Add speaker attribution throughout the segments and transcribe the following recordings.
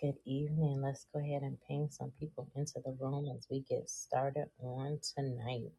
Speaker 1: Good evening. Let's go ahead and ping some people into the room as we get started on tonight.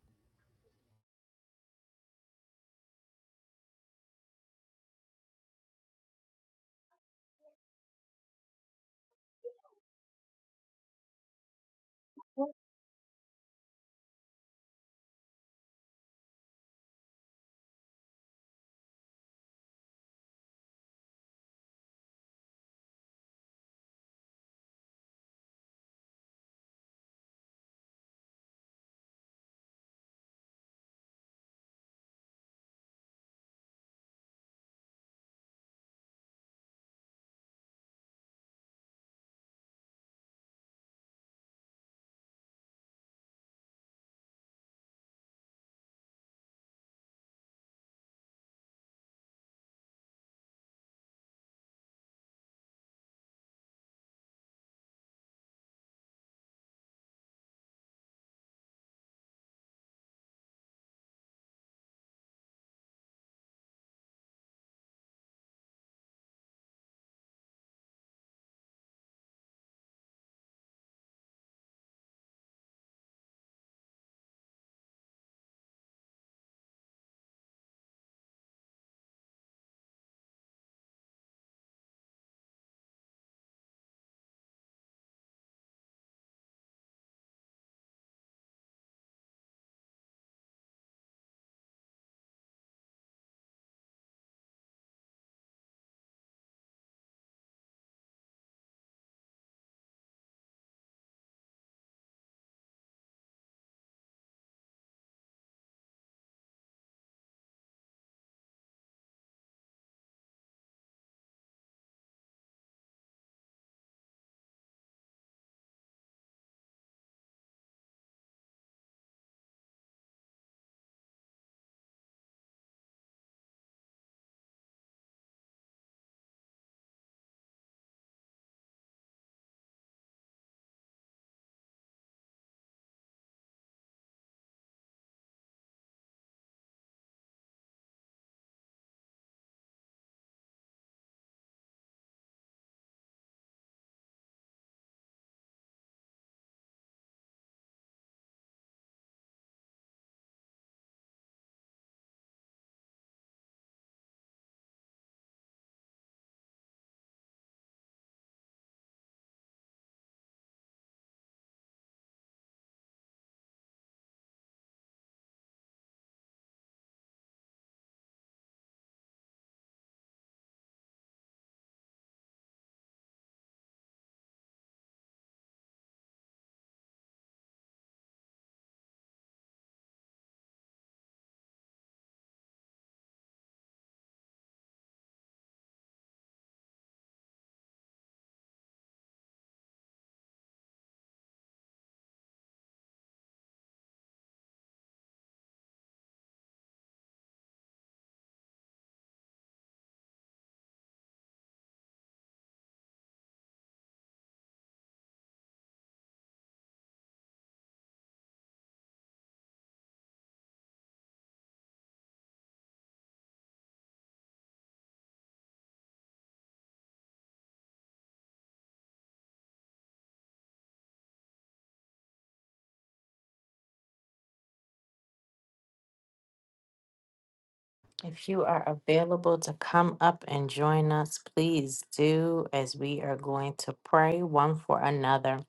Speaker 1: If you are available to come up and join us, please do as we are going to pray one for another.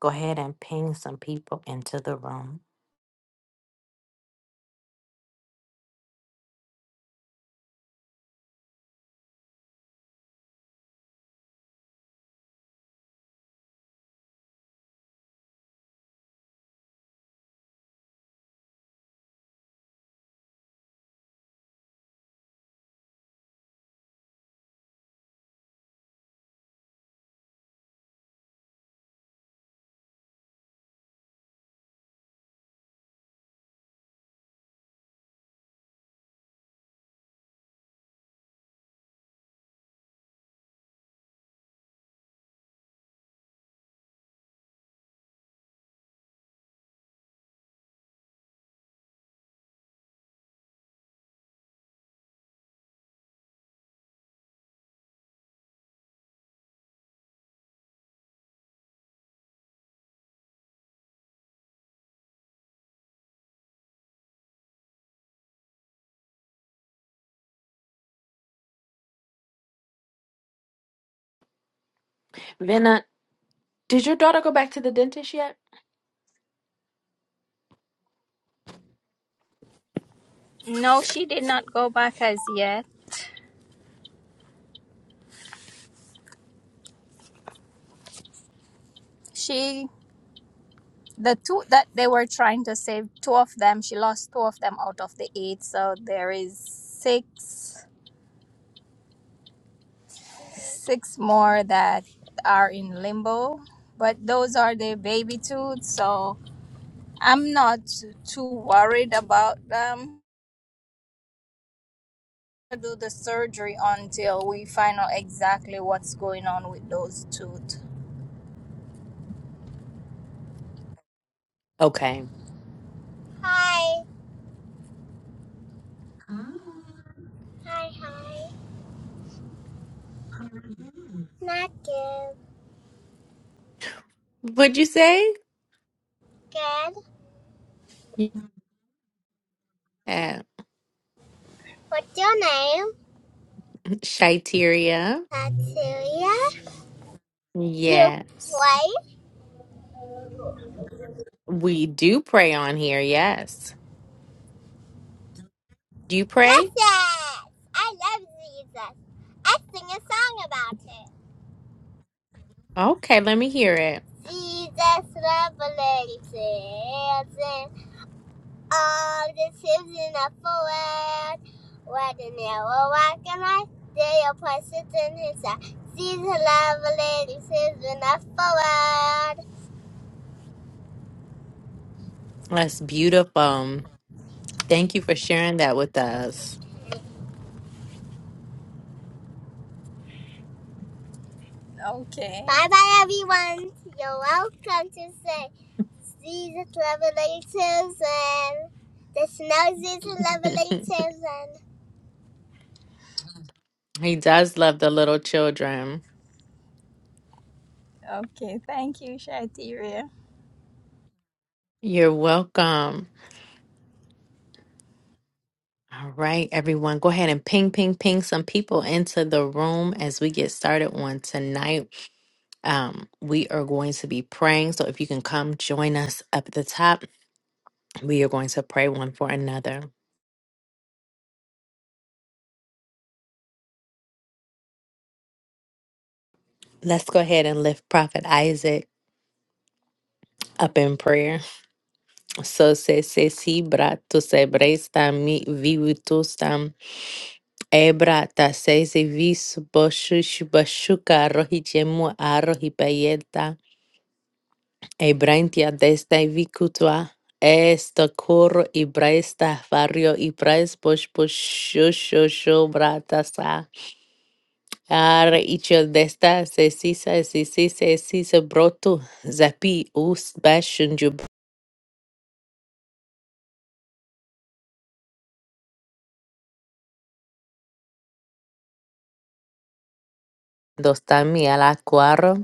Speaker 1: Go ahead and ping some people into the room.
Speaker 2: No, she did not go back as yet. She the two that they were trying to save, two of them, she lost two of them out of the eight, so there is six six more that are in limbo. But those are the baby tooth, so I'm not too worried about them. i Do the surgery until we find out exactly what's going on with those tooth.
Speaker 1: Okay.
Speaker 2: Hi, hi, hi. Not good.
Speaker 1: What'd you say?
Speaker 2: Good.
Speaker 1: Yeah.
Speaker 2: What's your name?
Speaker 1: Shaiteria.
Speaker 2: Natalia, you
Speaker 1: Yes.
Speaker 2: play?
Speaker 1: We do pray on here. Yes. Do you
Speaker 2: Yes,
Speaker 1: pray?
Speaker 2: yes. I love Jesus. I sing a song about him.
Speaker 1: Okay. Let me hear it.
Speaker 2: Jesus revelations in all the children of the world. Where the narrow walk in life, they are precious in his sight. Jesus revelations in the world.
Speaker 1: That's beautiful. Thank you for sharing that with us.
Speaker 2: Okay. Bye bye, everyone. You're welcome to say. These Revelations and there's no Jesus Revelations and
Speaker 1: he does love the little children.
Speaker 2: Okay, thank you, Shatiria.
Speaker 1: You're welcome. All right, everyone, go ahead and ping, ping, ping some people into the room as we get started on tonight. Um, we are going to be praying. So if you can come join us up at the top, we are going to pray one for another. Let's go ahead and lift Prophet Isaac up in prayer. So se se si brato se bresta mi vivitustam Ebra ta sesi vis boshush bashuka rohi jemu arohi bayeta. Ebrantia desta vikutwa. Esta koro ibresta fario ibres bosh boshosho brata sa. Ar ichel desta sesisa sesisa sesisa brotu. Zapi us bashunjub. Dostami ala cuaro.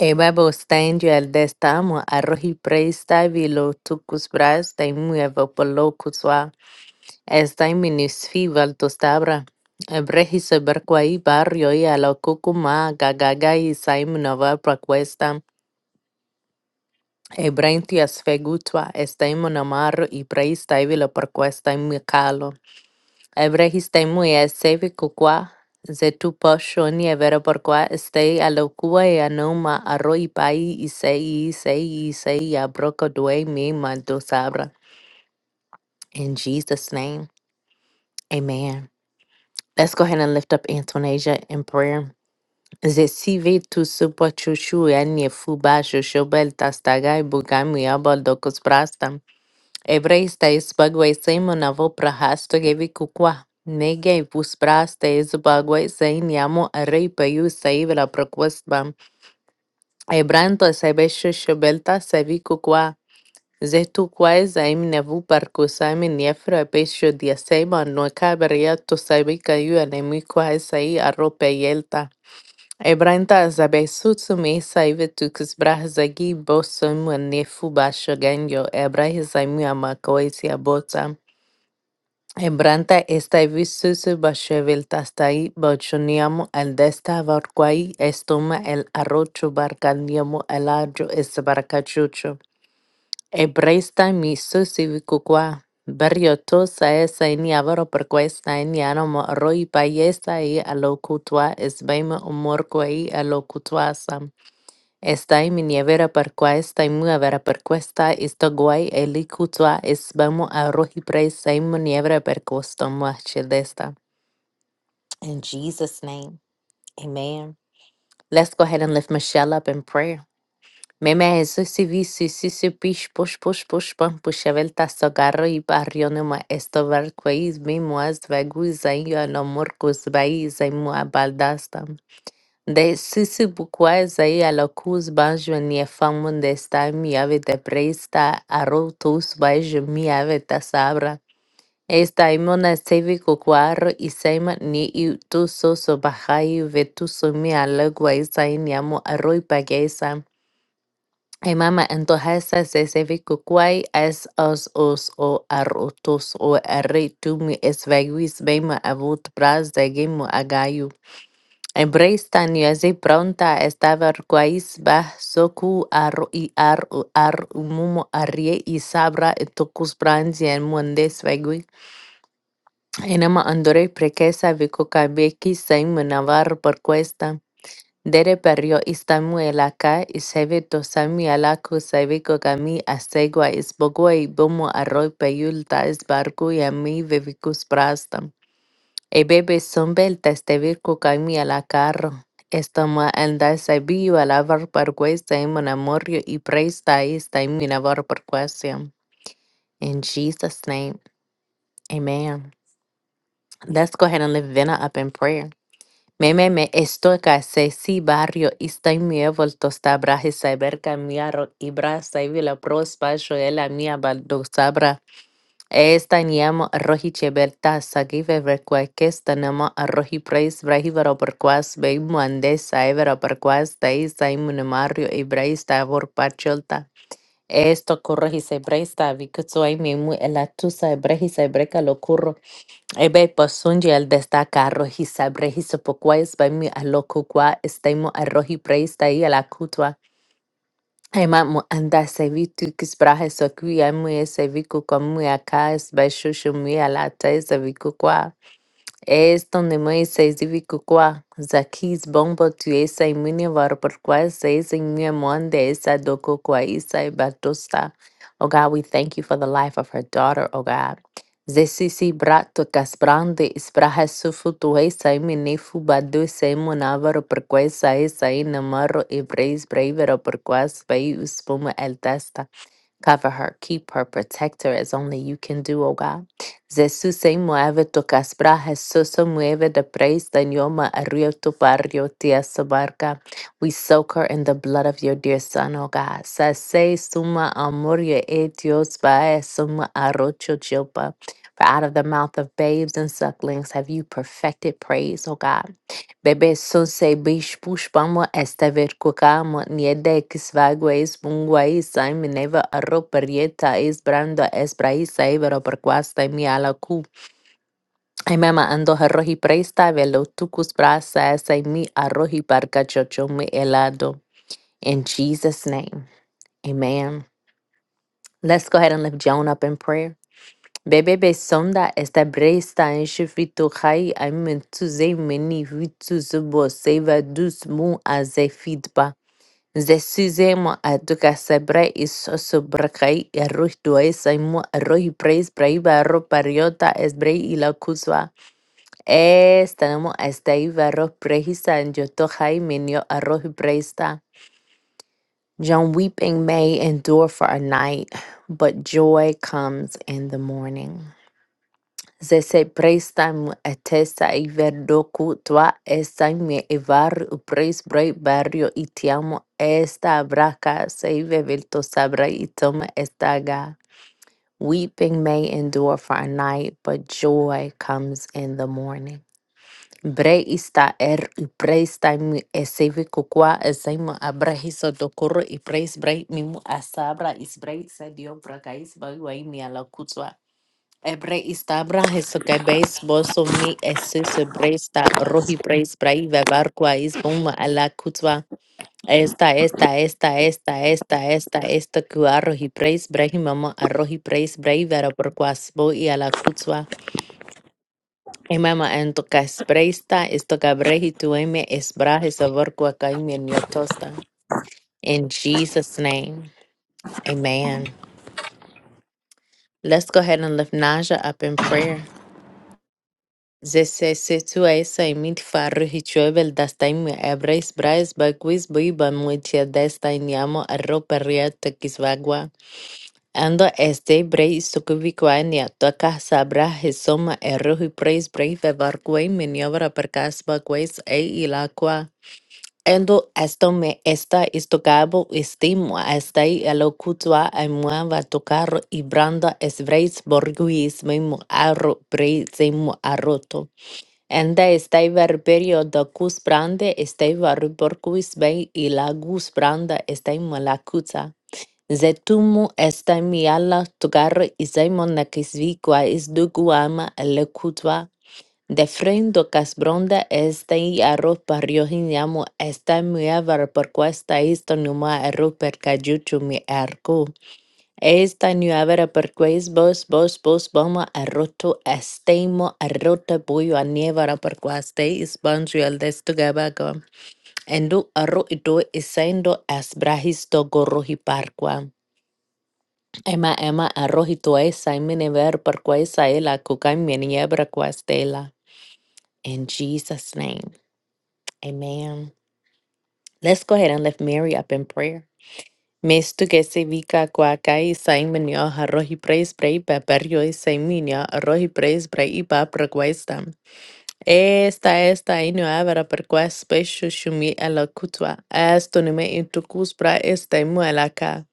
Speaker 1: Ewa Stanjel destamo arrohi preista vilo tucus bras de muevo polo cusua. Esta minisfi valtostabra. Ebrehi seberquai barrio y a lo cucuma gagaga y saimunova procuesta. Ebrentias fegutua estaimonamarro y preista vilo procuesta y mecalo. Ebrehistemu sevi kukwa zetu po evero porqua este alokua e anoma arroi pai y sei y abroko due mi mando sabra. In Jesus' name, amen. Let's go ahead and lift up Antonasia in prayer. Zesive tu supo chuchu anye fuba shushobel tastagai bugami abal docus Hebreis teizbagweisein monavo prahasto gevi kukwa. Nege puspras teizbagweisein yamu arrei peyu seivra prokwestbam. Ebranto sebeshu shubelta sevi kukwa. Zetu kwae zaim nevu parkusaim niefro epeshu diesema no kaberia to sevi kayu anemi kwae sei arrope yelta. Ebranta zabesutsu me saive tukus brahzagi bosum nefu basho genyo. Ebrahizaimu amakoisia botam. Hebranta estai susu bashevel tastai bochoniamo al desta varquai estoma el arrocho barcandiamo el arjo es barcachucho. Hebresta mi susi vicuqua. Berriotosa esa ni avaro perquesta ni animo roi paiesa y alocutua es beima humor quai Está en mi nievera percua, está en mi avera percuesta, está guay el icutua, es vamos a rojipre, está en mi nievera percuesta, machedesta. In Jesus' name, amen. Let's go ahead and lift Michelle up in prayer. Meme Jesus si visi si si si pish push push push pam pushavel tasto garro y barrio no ma esto ver quais mi muas vegus ayo no murcus vai zai mua baldasta. De sisi bukwa zai ala kuz banjo ni famun de sta mi ave de presta aro tus baijo mi ave ta sabra. Esta imona sevi kukwar i sema ni i tu so so bahai ve tu so mi ala guai sai ni amo aro i pagesa. Hey mama, entonces se sevi kukwai es os os o arrotos o arre tu mi es veguis bema avut pras de gemo agayu. Embrace tan yuazi pronta estaba guais bah soku ar y ar u- ar mumo arrie y sabra e tokus branzi en muende svegui. Enema andore prekesa viko kabeki saim navar por cuesta. Dere perio istamu elaka y seve tosami alaku seviko kami asegua isbogua y bomo arroi peyulta es barco y ami vevikus prasta. E bebe sombel testevir cucaimi a la carro. Estoma andas a viva la var parguesta en mon amorio y presta esta en mina var parguesta. In Jesus' name, amen. Let's go ahead and lift Vena up in prayer. Me me me estoy casi si barrio y estoy mi volto sta braje saber cambiar y brasa y la prospa yo la mía baldo sabra. Estañem rohi cheberta sagi veverqueques tanama rohi prais brahi veroperquas bei muande sai veroperquas dei sai munemario y brais tavor pacholta. Esto corrohi se breista mimu elatusa ebrehi se lo curro. Ebe posunji el destaca rohi se sopoquais bei alocuqua estemo arrohi preista y alacutua. Hema anda sevitu kisprahe sokui amue seviku komue akas bashu shumui alata seviku kwa. Es Tonemaise, Zivicucuá, Zaquis, Bombo, Tuesa, Imuni, Varoporquá, Seis, Imuni, Monde, Esa, Dococuá, Isa, Batosta. Oh God, we thank you for the life of her daughter, oh God. Zesisi brato casbrande espraha sufu tuesa imene fubado semona varoporquá, Esa, Esa, Inamaro, Ebreis, Breivero, por Porquá, Spei, Uspuma, El testa. Cover her, keep her, protect her as only you can do, oh God. Jesús se mueve tu caspra, Jesús se mueve de praise, Danioma, arriba tu barrio, tía barca. We soak her in the blood of your dear son, oh God. Sase suma amor ye e Dios vae suma arrocho chilpa. For out of the mouth of babes and sucklings have you perfected praise, O God. Bebesu sebiš pušpamo estaverkukamo, niedekis vagueis bunguais saim neva arro perieta is brando es braisa ibero perquasta mi ala ku. Aimema ando arroji presta velo tucus brasa esa mi arroji parca chochomi helado. In Jesus' name, amen. Let's go ahead and lift Joan up in prayer. Bebe besonda esta bresta en shifitu hai aimen tu zei meni vitu zubo seva dus mu azefidba. Zesizemo aduka sabra isoso brakai arroz duesaimo arroz preis braiva arroz pariota esbrei y la cuzva. Estanamo estaiva arroz prehisa and yotohai menio arroz preista. John weeping may endure for a night, but joy comes in the morning. Zese praistam attesta iverdoku tua esta me evar upres brai barrio itiamo esta braca save velto sabra itom estaga. Weeping may endure for a night, but joy comes in the morning. Bre ista er upresta mi eseve kukwa esaimo abrahiso dokoro ipres brai mimu asabra isbrai sadio bracais bagwai mi ala Ebrei ista brahes kebeis bosumi esis breista rohi preis brai vevarqua is bomba ala kutwa. Esta, esta, esta, esta, esta, esta, esta, kua rohi preis brehi mama a rohi preis brai vera porquas bo i ala kutwa. E mama ento cas breista esto cabrehi tueme es brahes avorqua caime nyotosta. In Jesus' name, amen. Let's go ahead and lift Naja up in prayer. 16 mitt farro hiçövel dastain mi ebreis brais bakwis biba muitia destain yamo arro perria tekisvagua. Ando este brei sukuvikwania toka sabra hisoma erro hi preis brei vevarkwei miniobra perkas bakwis e ilakwa. Endo esto me esta istocabo estimo esta y a aimuava tocar y branda es breis borguis memo arro breis memo arroto. Enda estaivar periodocus brande estaivar ruborquis vei ilagus branda estai malacuta. Zetumu estai miala tugar y izaimon nakisviqua isduguama elecutva. Defrendo casbronda estai arro pariohinamu estai muevar porquesta isto numa erro percajuchu mi arco. Esta ñuevera perqueis bos bos bos boma arroto estemo arrota boyo anievara perquaste is banjuel destugabago. Endo arro ito isendo as brahisto gorrohi parqua. Emma emma arrohito es saimene ver perqueis aela cucai meniebra quastela. In Jesus' name, amen. Let's go ahead and lift Mary up in prayer. Mestu gese vika guacay sain minio arroz y preis brei beberio y sain minio arroz y preis brei y ba proguesta. Esta esta y no avera perguas pecho shumi a la cutua. Esto no me intucus bra esta y muelaca.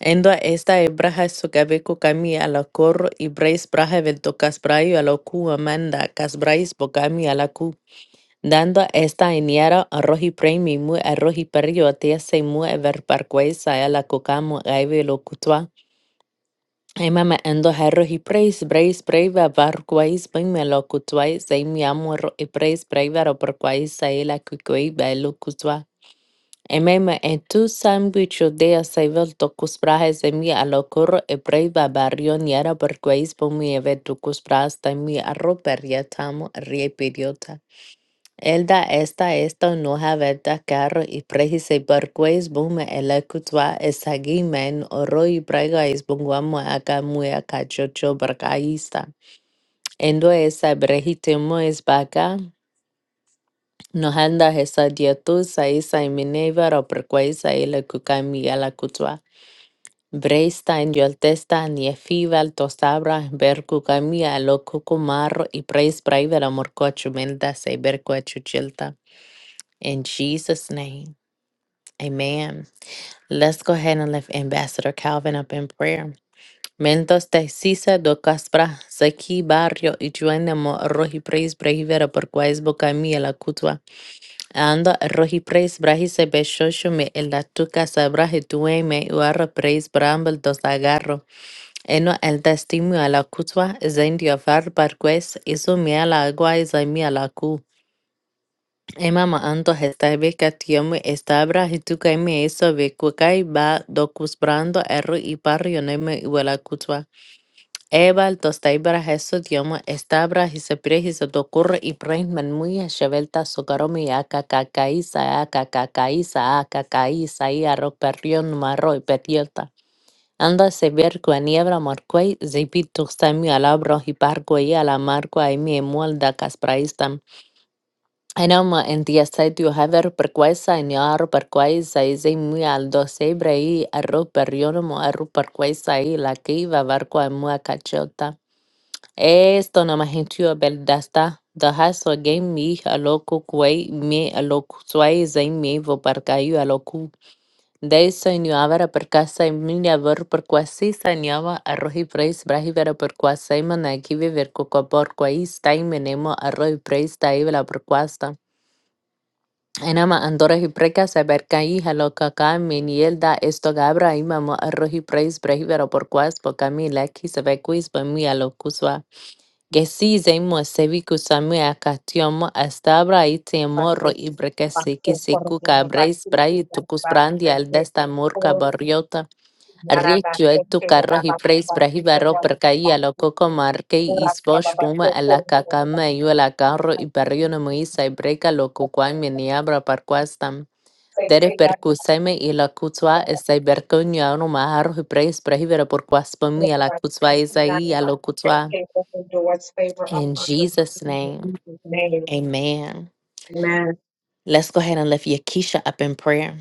Speaker 1: Endo esta e braja sogabe kami a la corro y breis braja ventocas braio a la cu amanda cas brais bogami a la cu dando esta iniera arroji premi mu arroji perio atia se mu ever parquesa e la cucamo gaive lo cutua. Ema me endo arroji preis breis breve varquais ben me lo cutua se mi amo arroji preis breve ro parquais e la cucui belo cutua. Ema me en tu sandwich de saivel tocus brajes e mi a lo curro e breve barrio niara parquais po mi eve tucus bras de mi arro perietamo riepiriota. Elda esta esta noha verda carro y prejise barqueis bume ela kutwa esagi men oro y pregais bunguamu aka muya kachocho barcaista. Endo esa brejitemo es baga, nohanda esa diatusa sa isa y o perqueisa ela kukami ela kutwa. Breista en yoltesta ni efival tosabra ver kukamia lo kukumarro y preis braiver amor cochumelda se ver In Jesus' name. Amen. Let's go ahead and lift Ambassador Calvin up in prayer. Mentos te sisa do caspra, saki barrio y juende mo rohi preis brahivera por quais boca mia la cutua. Anda rohi preis brahi se beshosho me en la tu casa brahi tue me uarra praise brambel dos agarro. Eno el testimonio a la cutua, zendio far par quais, iso mea la agua y zaimia la cu. Imam anto hetabe katiomu estabra hitukaimu eso bekukai ba dokusbrando erru iparu yoneme iwela kutwa. Ebal tostaibra heso diomu estabra hisepire hisotokurru ibrahim manmuya shevelta sokaromi aka kakaisa aka kakaisa aka kaisa y arro perrion marro y periota. Anda se ver cua niebra morquei, zipit tuxtami alabro hiparquei alamarquai mi emual da caspraistam. أنا ما أنت يا سيدي وهذا روبر كويس يا روبر كويس أي زي muy al docebre y el roper yo no me roper كويس ahí la que iba a ver con muy cachota esto no más gentil verdad está deja su game mi a loco cuey mi a loco suay zay mi vo para cayo a loco de eso ni ahora por casa y mi a ver por cuasi sañaba a roji preis brahi vera por cuasi man aquí viver coco por cuais time nemo a roji preis ta ibla por Enama andorohi preka saberkai halokaka minielda esto gabra imamo arrohi preis brehivero por quas po camila ki sabekuis po mi alokuswa. Gesi zemo seviku sami akatiomo astabra itemo
Speaker 3: Bate
Speaker 1: ro ibrekasi ki
Speaker 3: bate por
Speaker 1: seku
Speaker 3: por
Speaker 1: kabreis
Speaker 3: bate
Speaker 1: brai
Speaker 3: que da
Speaker 1: tukus brandi
Speaker 3: bate
Speaker 1: al
Speaker 3: que
Speaker 1: desta murka
Speaker 3: por
Speaker 1: barriota
Speaker 3: nada
Speaker 1: Retio
Speaker 3: bate
Speaker 1: etu
Speaker 3: que
Speaker 1: carro
Speaker 3: da
Speaker 1: hi
Speaker 3: bate
Speaker 1: preis
Speaker 3: bate que
Speaker 1: brahibaro
Speaker 3: da
Speaker 1: per caia lo
Speaker 3: bate
Speaker 1: coco marque
Speaker 3: por
Speaker 1: is bosch
Speaker 3: bate
Speaker 1: buma
Speaker 3: bate
Speaker 1: a la
Speaker 3: por por bate
Speaker 1: cacama y la carro y barrio no moisa y breca lo cucuay meniabra parquastam.
Speaker 3: say
Speaker 1: Dere
Speaker 3: say that
Speaker 1: percuseme y la cutua
Speaker 3: for
Speaker 1: esta y bercoña no maharo hi preis brahibaro por quaspami a la cutua
Speaker 3: bate nada
Speaker 1: isaí a lo
Speaker 3: bate
Speaker 1: cutua.
Speaker 3: que open doors favor
Speaker 1: In
Speaker 3: upon the
Speaker 1: Jesus'
Speaker 3: in
Speaker 1: name,
Speaker 3: Jesus' name.
Speaker 1: amen.
Speaker 3: Amen.
Speaker 1: Let's go ahead and lift Yakisha up in prayer.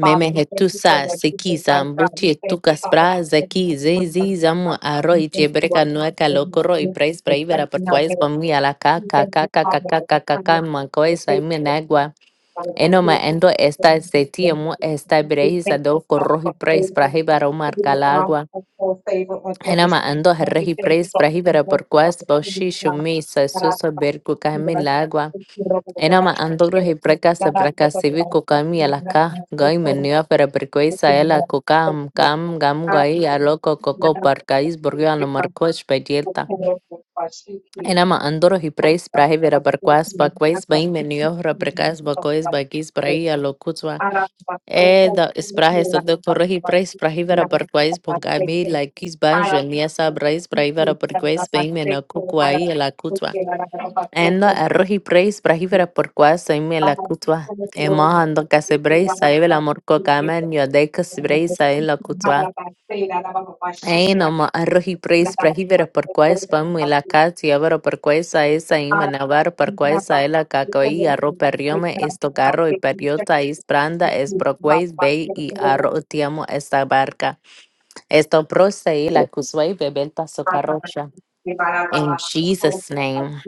Speaker 3: Father, we thank you for
Speaker 1: hetusa
Speaker 3: your Jesus,
Speaker 1: sekiza
Speaker 3: life, God. We
Speaker 1: mbuti
Speaker 3: thank you,
Speaker 1: tukas
Speaker 3: Father,
Speaker 1: bra
Speaker 3: for taking
Speaker 1: zeki
Speaker 3: the time of
Speaker 1: zezi
Speaker 3: God.
Speaker 1: zamu
Speaker 3: We
Speaker 1: aroi
Speaker 3: thank you,
Speaker 1: jebreka
Speaker 3: our
Speaker 1: nueka
Speaker 3: Jesus,
Speaker 1: lokoro i praise
Speaker 3: for
Speaker 1: braivera per
Speaker 3: accepting our
Speaker 1: quais bamui
Speaker 3: heritage.
Speaker 1: ala ka
Speaker 3: We
Speaker 1: ka
Speaker 3: thank
Speaker 1: ka
Speaker 3: you,
Speaker 1: ka ka
Speaker 3: Father,
Speaker 1: ka
Speaker 3: for
Speaker 1: ka
Speaker 3: the
Speaker 1: ka
Speaker 3: kindness,
Speaker 1: ka
Speaker 3: for
Speaker 1: makoi
Speaker 3: the faith,
Speaker 1: saime
Speaker 3: for the
Speaker 1: nagua
Speaker 3: Father, for the
Speaker 1: eno ma
Speaker 3: faith.
Speaker 1: endo esta seti mu esta
Speaker 3: We
Speaker 1: brehisa
Speaker 3: thank
Speaker 1: do
Speaker 3: you, Father,
Speaker 1: corrohi
Speaker 3: for
Speaker 1: praise
Speaker 3: favor.
Speaker 1: braivera umar
Speaker 3: Favor for our
Speaker 1: calagua
Speaker 3: household, favor on
Speaker 1: ena
Speaker 3: every
Speaker 1: ma
Speaker 3: single
Speaker 1: ando
Speaker 3: one. We
Speaker 1: herrehi
Speaker 3: thank you
Speaker 1: praise
Speaker 3: for open
Speaker 1: braivera
Speaker 3: doors
Speaker 1: per
Speaker 3: and
Speaker 1: quais
Speaker 3: opportunities,
Speaker 1: boshi
Speaker 3: God.
Speaker 1: shumi sa
Speaker 3: God, I
Speaker 1: susa berku
Speaker 3: ask you,
Speaker 1: kamin
Speaker 3: to us.
Speaker 1: lagua
Speaker 3: Thank you, Lord, for the
Speaker 1: Ena ma
Speaker 3: blessing.
Speaker 1: andoro he breka se
Speaker 3: God, I ask
Speaker 1: breka
Speaker 3: you,
Speaker 1: sivi kokami
Speaker 3: to
Speaker 1: alaka gai
Speaker 3: us.
Speaker 1: menua para perkoi saela kokam kam gam gai aloko koko parkais borgio ano marcos pedielta. Ena ma andoro he preis prahe vera perquas bakwais bai menua para perkas bakois bakis prahi alokutwa. E da sprahe so de corro he preis prahe vera perquais bonkami laikis banjo niasa brais prahe vera perquais bai menakukwai alakutwa. Éndo arrojé brisa para llevar por cuás a mi el acuático. Ema ando casé brisa y ve la morcoca mer. Yo deí casé brisa el acuático. Éndo arrojé
Speaker 3: Amen.
Speaker 1: brisa para llevar por cuás para mi el catio abaró por cuás a esa y me abaró por cuás el acacoy arrope riome esto carro y periota es branda es pro cuás ve y arro tiamo esta barca esto proce y el acuático ve belta su carrocha. In Jesus name,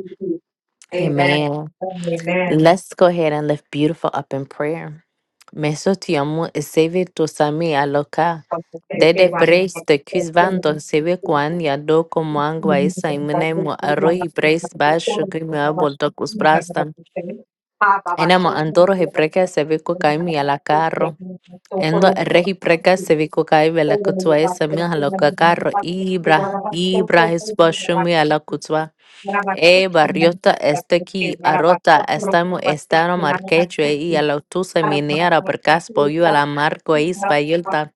Speaker 1: amen.
Speaker 3: Amen.
Speaker 1: Let's go ahead and lift beautiful up in prayer. Meso ti amo e seve to sami aloka. Dede brace the kuzvanto seve kwan ya do komangwa isa imune mo arohi brace bash shukri mo abolto kusprasta.
Speaker 3: Ha baba
Speaker 1: Enamo
Speaker 3: so
Speaker 1: andoro he preka seve kukai mi ala carro. Endo rehi preka
Speaker 3: so
Speaker 1: seve kukai vela kutsua esa mi aloka carro. Ibra, Ibra es boshumi ala kutsua. Eh, Barriota está aquí, Arota, estamos estano marquecho y a la tusa minera per caspo y a la marco y spayulta.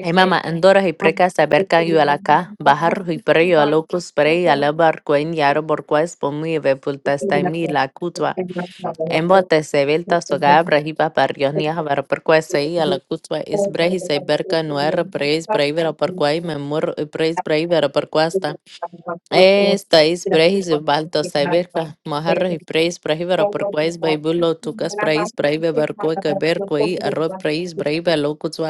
Speaker 1: Y mamá, andoras y precas a berca y a la ca, bajar y preyo a locus prey a la barco en yaro por cuespo muy vepulta está en mi la cutua. En bote se velta soga brajiba barrios ni a ver por cuese y a la cutua es breji se berca nuera preis breivera por cuay me muro y preis breivera por
Speaker 3: We
Speaker 1: cuesta.
Speaker 3: are going to talk about
Speaker 1: Estáis
Speaker 3: the
Speaker 1: brejiz,
Speaker 3: importance of
Speaker 1: Baltasai Berka, Maharaj
Speaker 3: education.
Speaker 1: Praise,
Speaker 3: We
Speaker 1: Brahivara
Speaker 3: are going to talk
Speaker 1: Parquais,
Speaker 3: about the
Speaker 1: Baibulo, Tukas
Speaker 3: importance of
Speaker 1: Praise, Braiva Barqueca
Speaker 3: health. We are going to talk about
Speaker 1: Berquei,
Speaker 3: the importance
Speaker 1: Arroz Praise,
Speaker 3: of family.
Speaker 1: Braiva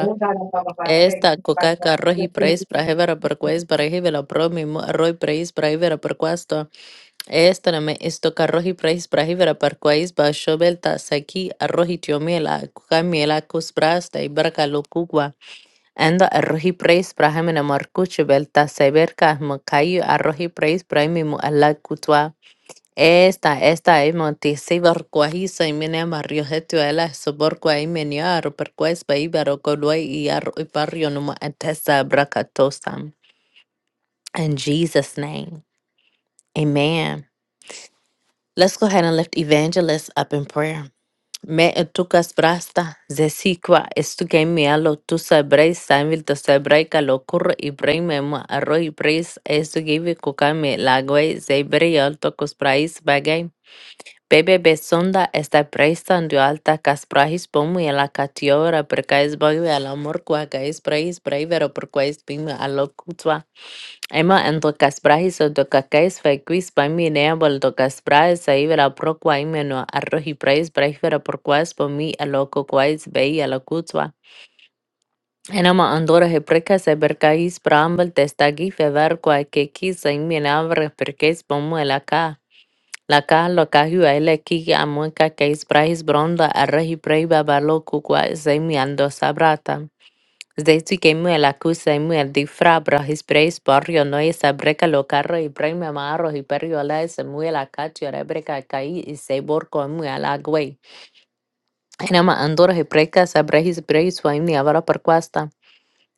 Speaker 3: We are going to talk about the importance of work. We are going to talk about the importance
Speaker 1: Esta coca
Speaker 3: of the
Speaker 1: roji preis
Speaker 3: environment.
Speaker 1: prahevera perquais prahevela promimo arroi preis prahevera perquasto. Esta name esto carroji preis prahevera perquais bashovelta saki arroji tiomiela cucamiela cusprasta y barca locugua. Enda arroji preis prahemena marcuche velta severca macayo arroji preis prahemimo ala cutua. Esta, esta e montisi barkwa hi sa imene mario hetu ela so borkwa imene aro perkwa ispa ibaro kolwa numa antesa brakatosam. In Jesus' name, amen. Let's go ahead and lift evangelists up in prayer. Me etukas brasta, zesikwa estuke mialo tu sabrei samil to sabrei kalokur ibrei memo arro ibreis estugivi kukame lagwei zebrei alto kusprais Bebe sonda está prestando alta cas pomo y la catiora porque es bagbe el amor qua cais prahis braivero per quais bim a lo cutua. Emma en to cas prahis o to cacais fe quis pami neabol to cas a ibera pro imeno arroji prahis braivero per quais pomi a lo co quais bei a lo cutua. Enama andora he precas e bercais prambel testagi fever qua que quis a imenavre pomo el acá. Laka loka hua ele kiki amueka keis prahis bronda arrehi prei babalo kukwa zemi ando sabrata. Zeitsi kemue la semue el frabra his preis porrio noe sabreca lo carro y preme amarro y perrio la semue la cacho rebreca caí y se borco emue la güey. Enama andor y preca sabre his preis fue mi avaro per cuasta.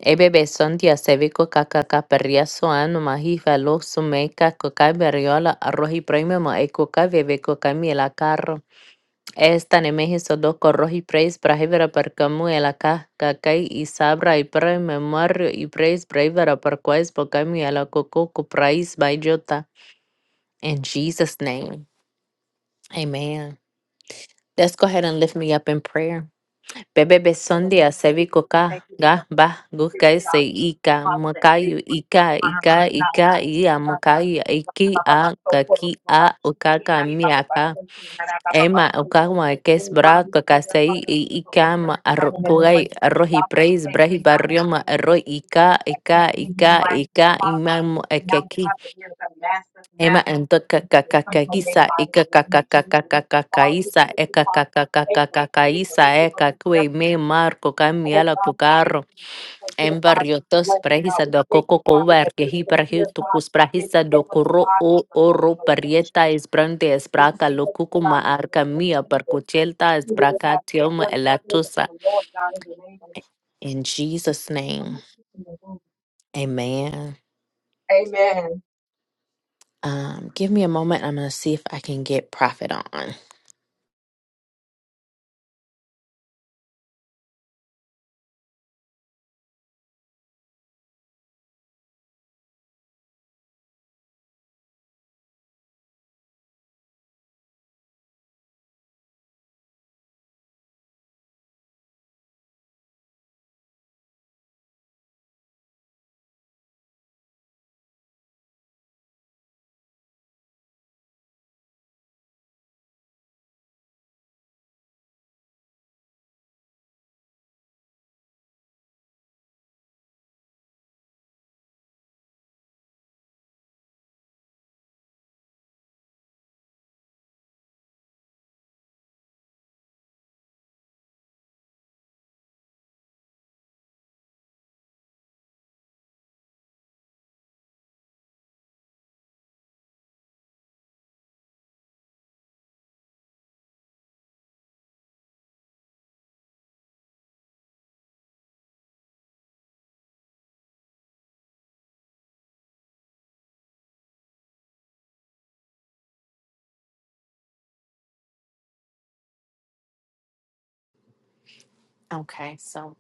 Speaker 1: Ebebe son dia sevico cacaca perria soano mahifa lo sumeca coca berriola arroji preme ma e coca bebe coca mi la carro. Esta ne mehiso do korrohi praise brahivera per kamu elaka kakai isabra sabra y pra memorio y praise brahivera per quais pokamu elakoko ku praise by jota. In Jesus' name, amen. Let's go ahead and lift me up in prayer. Bebe
Speaker 3: In the name
Speaker 1: besondia
Speaker 3: of
Speaker 1: sevi
Speaker 3: Jesus, we thank
Speaker 1: koka
Speaker 3: you for the
Speaker 1: ga
Speaker 3: Holy
Speaker 1: ba
Speaker 3: Spirit,
Speaker 1: gukai
Speaker 3: of
Speaker 1: se
Speaker 3: God. We thank you,
Speaker 1: ika
Speaker 3: Father, that
Speaker 1: makayu
Speaker 3: favor works
Speaker 1: ika
Speaker 3: upon our
Speaker 1: ika
Speaker 3: life now.
Speaker 1: ika ia
Speaker 3: God,
Speaker 1: makayu
Speaker 3: we thank you, Baba,
Speaker 1: iki
Speaker 3: Baba, Baba,
Speaker 1: a
Speaker 3: so, Koro,
Speaker 1: kaki
Speaker 3: Baba, Baba,
Speaker 1: a
Speaker 3: Chiki,
Speaker 1: ukaka
Speaker 3: Nara, Baba, Baba,
Speaker 1: miaka
Speaker 3: Chiki, Nara, Baba, Baba,
Speaker 1: Ema
Speaker 3: Chiki.
Speaker 1: ukama
Speaker 3: Oh, God, we
Speaker 1: kesbraka
Speaker 3: declare,
Speaker 1: kasai
Speaker 3: Father,
Speaker 1: i-
Speaker 3: we will on
Speaker 1: ikama
Speaker 3: every
Speaker 1: arro-
Speaker 3: side in the name of
Speaker 1: kugai
Speaker 3: Jesus,
Speaker 1: arroz y
Speaker 3: God.
Speaker 1: preis
Speaker 3: We Thank
Speaker 1: brej
Speaker 3: you now in the
Speaker 1: barrioma
Speaker 3: name of
Speaker 1: arroz
Speaker 3: Jesus
Speaker 1: ika
Speaker 3: that we
Speaker 1: ika
Speaker 3: can be new
Speaker 1: ika
Speaker 3: life.
Speaker 1: ika
Speaker 3: Father, we
Speaker 1: imamo
Speaker 3: thank you now,
Speaker 1: ekeki
Speaker 3: Father, we are the master,
Speaker 1: ema
Speaker 3: master, of the
Speaker 1: entoka
Speaker 3: things that will come from the
Speaker 1: kakakakisa
Speaker 3: Father,
Speaker 1: ika
Speaker 3: in the name of Jesus. Father, we
Speaker 1: kakakakakakaisa
Speaker 3: thank you,
Speaker 1: eka
Speaker 3: Father, for favor, favor,
Speaker 1: kakakakakaisa
Speaker 3: favor
Speaker 1: eka
Speaker 3: from
Speaker 1: kue me
Speaker 3: everything.
Speaker 1: marco
Speaker 3: Oh
Speaker 1: camiela
Speaker 3: God, we thank you for here, God, is
Speaker 1: Embarriotos
Speaker 3: blessed, God.
Speaker 1: prehisa
Speaker 3: We
Speaker 1: do
Speaker 3: thank
Speaker 1: coco
Speaker 3: you, Father,
Speaker 1: cover
Speaker 3: that
Speaker 1: que
Speaker 3: this
Speaker 1: hi
Speaker 3: from here, God,
Speaker 1: perhitucus
Speaker 3: is
Speaker 1: prahisa do
Speaker 3: favor to
Speaker 1: corro
Speaker 3: God and
Speaker 1: o
Speaker 3: for favor
Speaker 1: oro
Speaker 3: of nation.
Speaker 1: parieta es
Speaker 3: And
Speaker 1: brande
Speaker 3: should be
Speaker 1: lo
Speaker 3: confession by
Speaker 1: cucuma
Speaker 3: the
Speaker 1: arca
Speaker 3: name of
Speaker 1: mia
Speaker 3: Jesus.
Speaker 1: percuchelta es
Speaker 3: You will have the
Speaker 1: tioma
Speaker 3: authority to favor of
Speaker 1: elatosa.
Speaker 3: the Lord, God, in the name of Jesus.
Speaker 1: In Jesus' name, amen.
Speaker 3: Amen.
Speaker 1: Um, give me a moment. I'm going to see if I can get Prophet on. Okay, so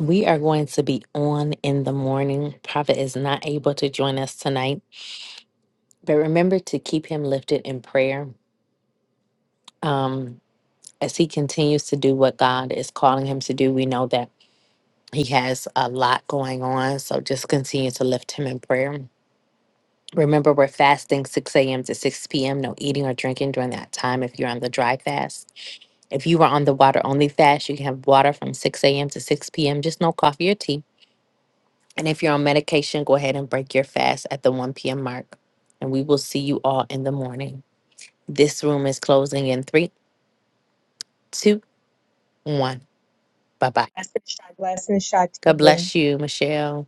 Speaker 1: we are going to be on in the morning. Prophet is not able to join us tonight, but remember to keep him lifted in prayer. Um, as he continues to do what God is calling him to do, we know that he has a lot going on. So just continue to lift him in prayer. Remember, we're fasting 6 a.m. to 6 p.m. No eating or drinking during that time if you're on the dry fast. If you are on the water only fast, you can have water from 6 a.m. to 6 p.m., just no coffee or tea. And if you're on medication, go ahead and break your fast at the 1 p.m. mark. And we will see you all in the morning. This room is closing in three, two, one. Bye bye.
Speaker 3: Blessings,
Speaker 1: God
Speaker 3: Shatia.
Speaker 1: bless you, Michelle.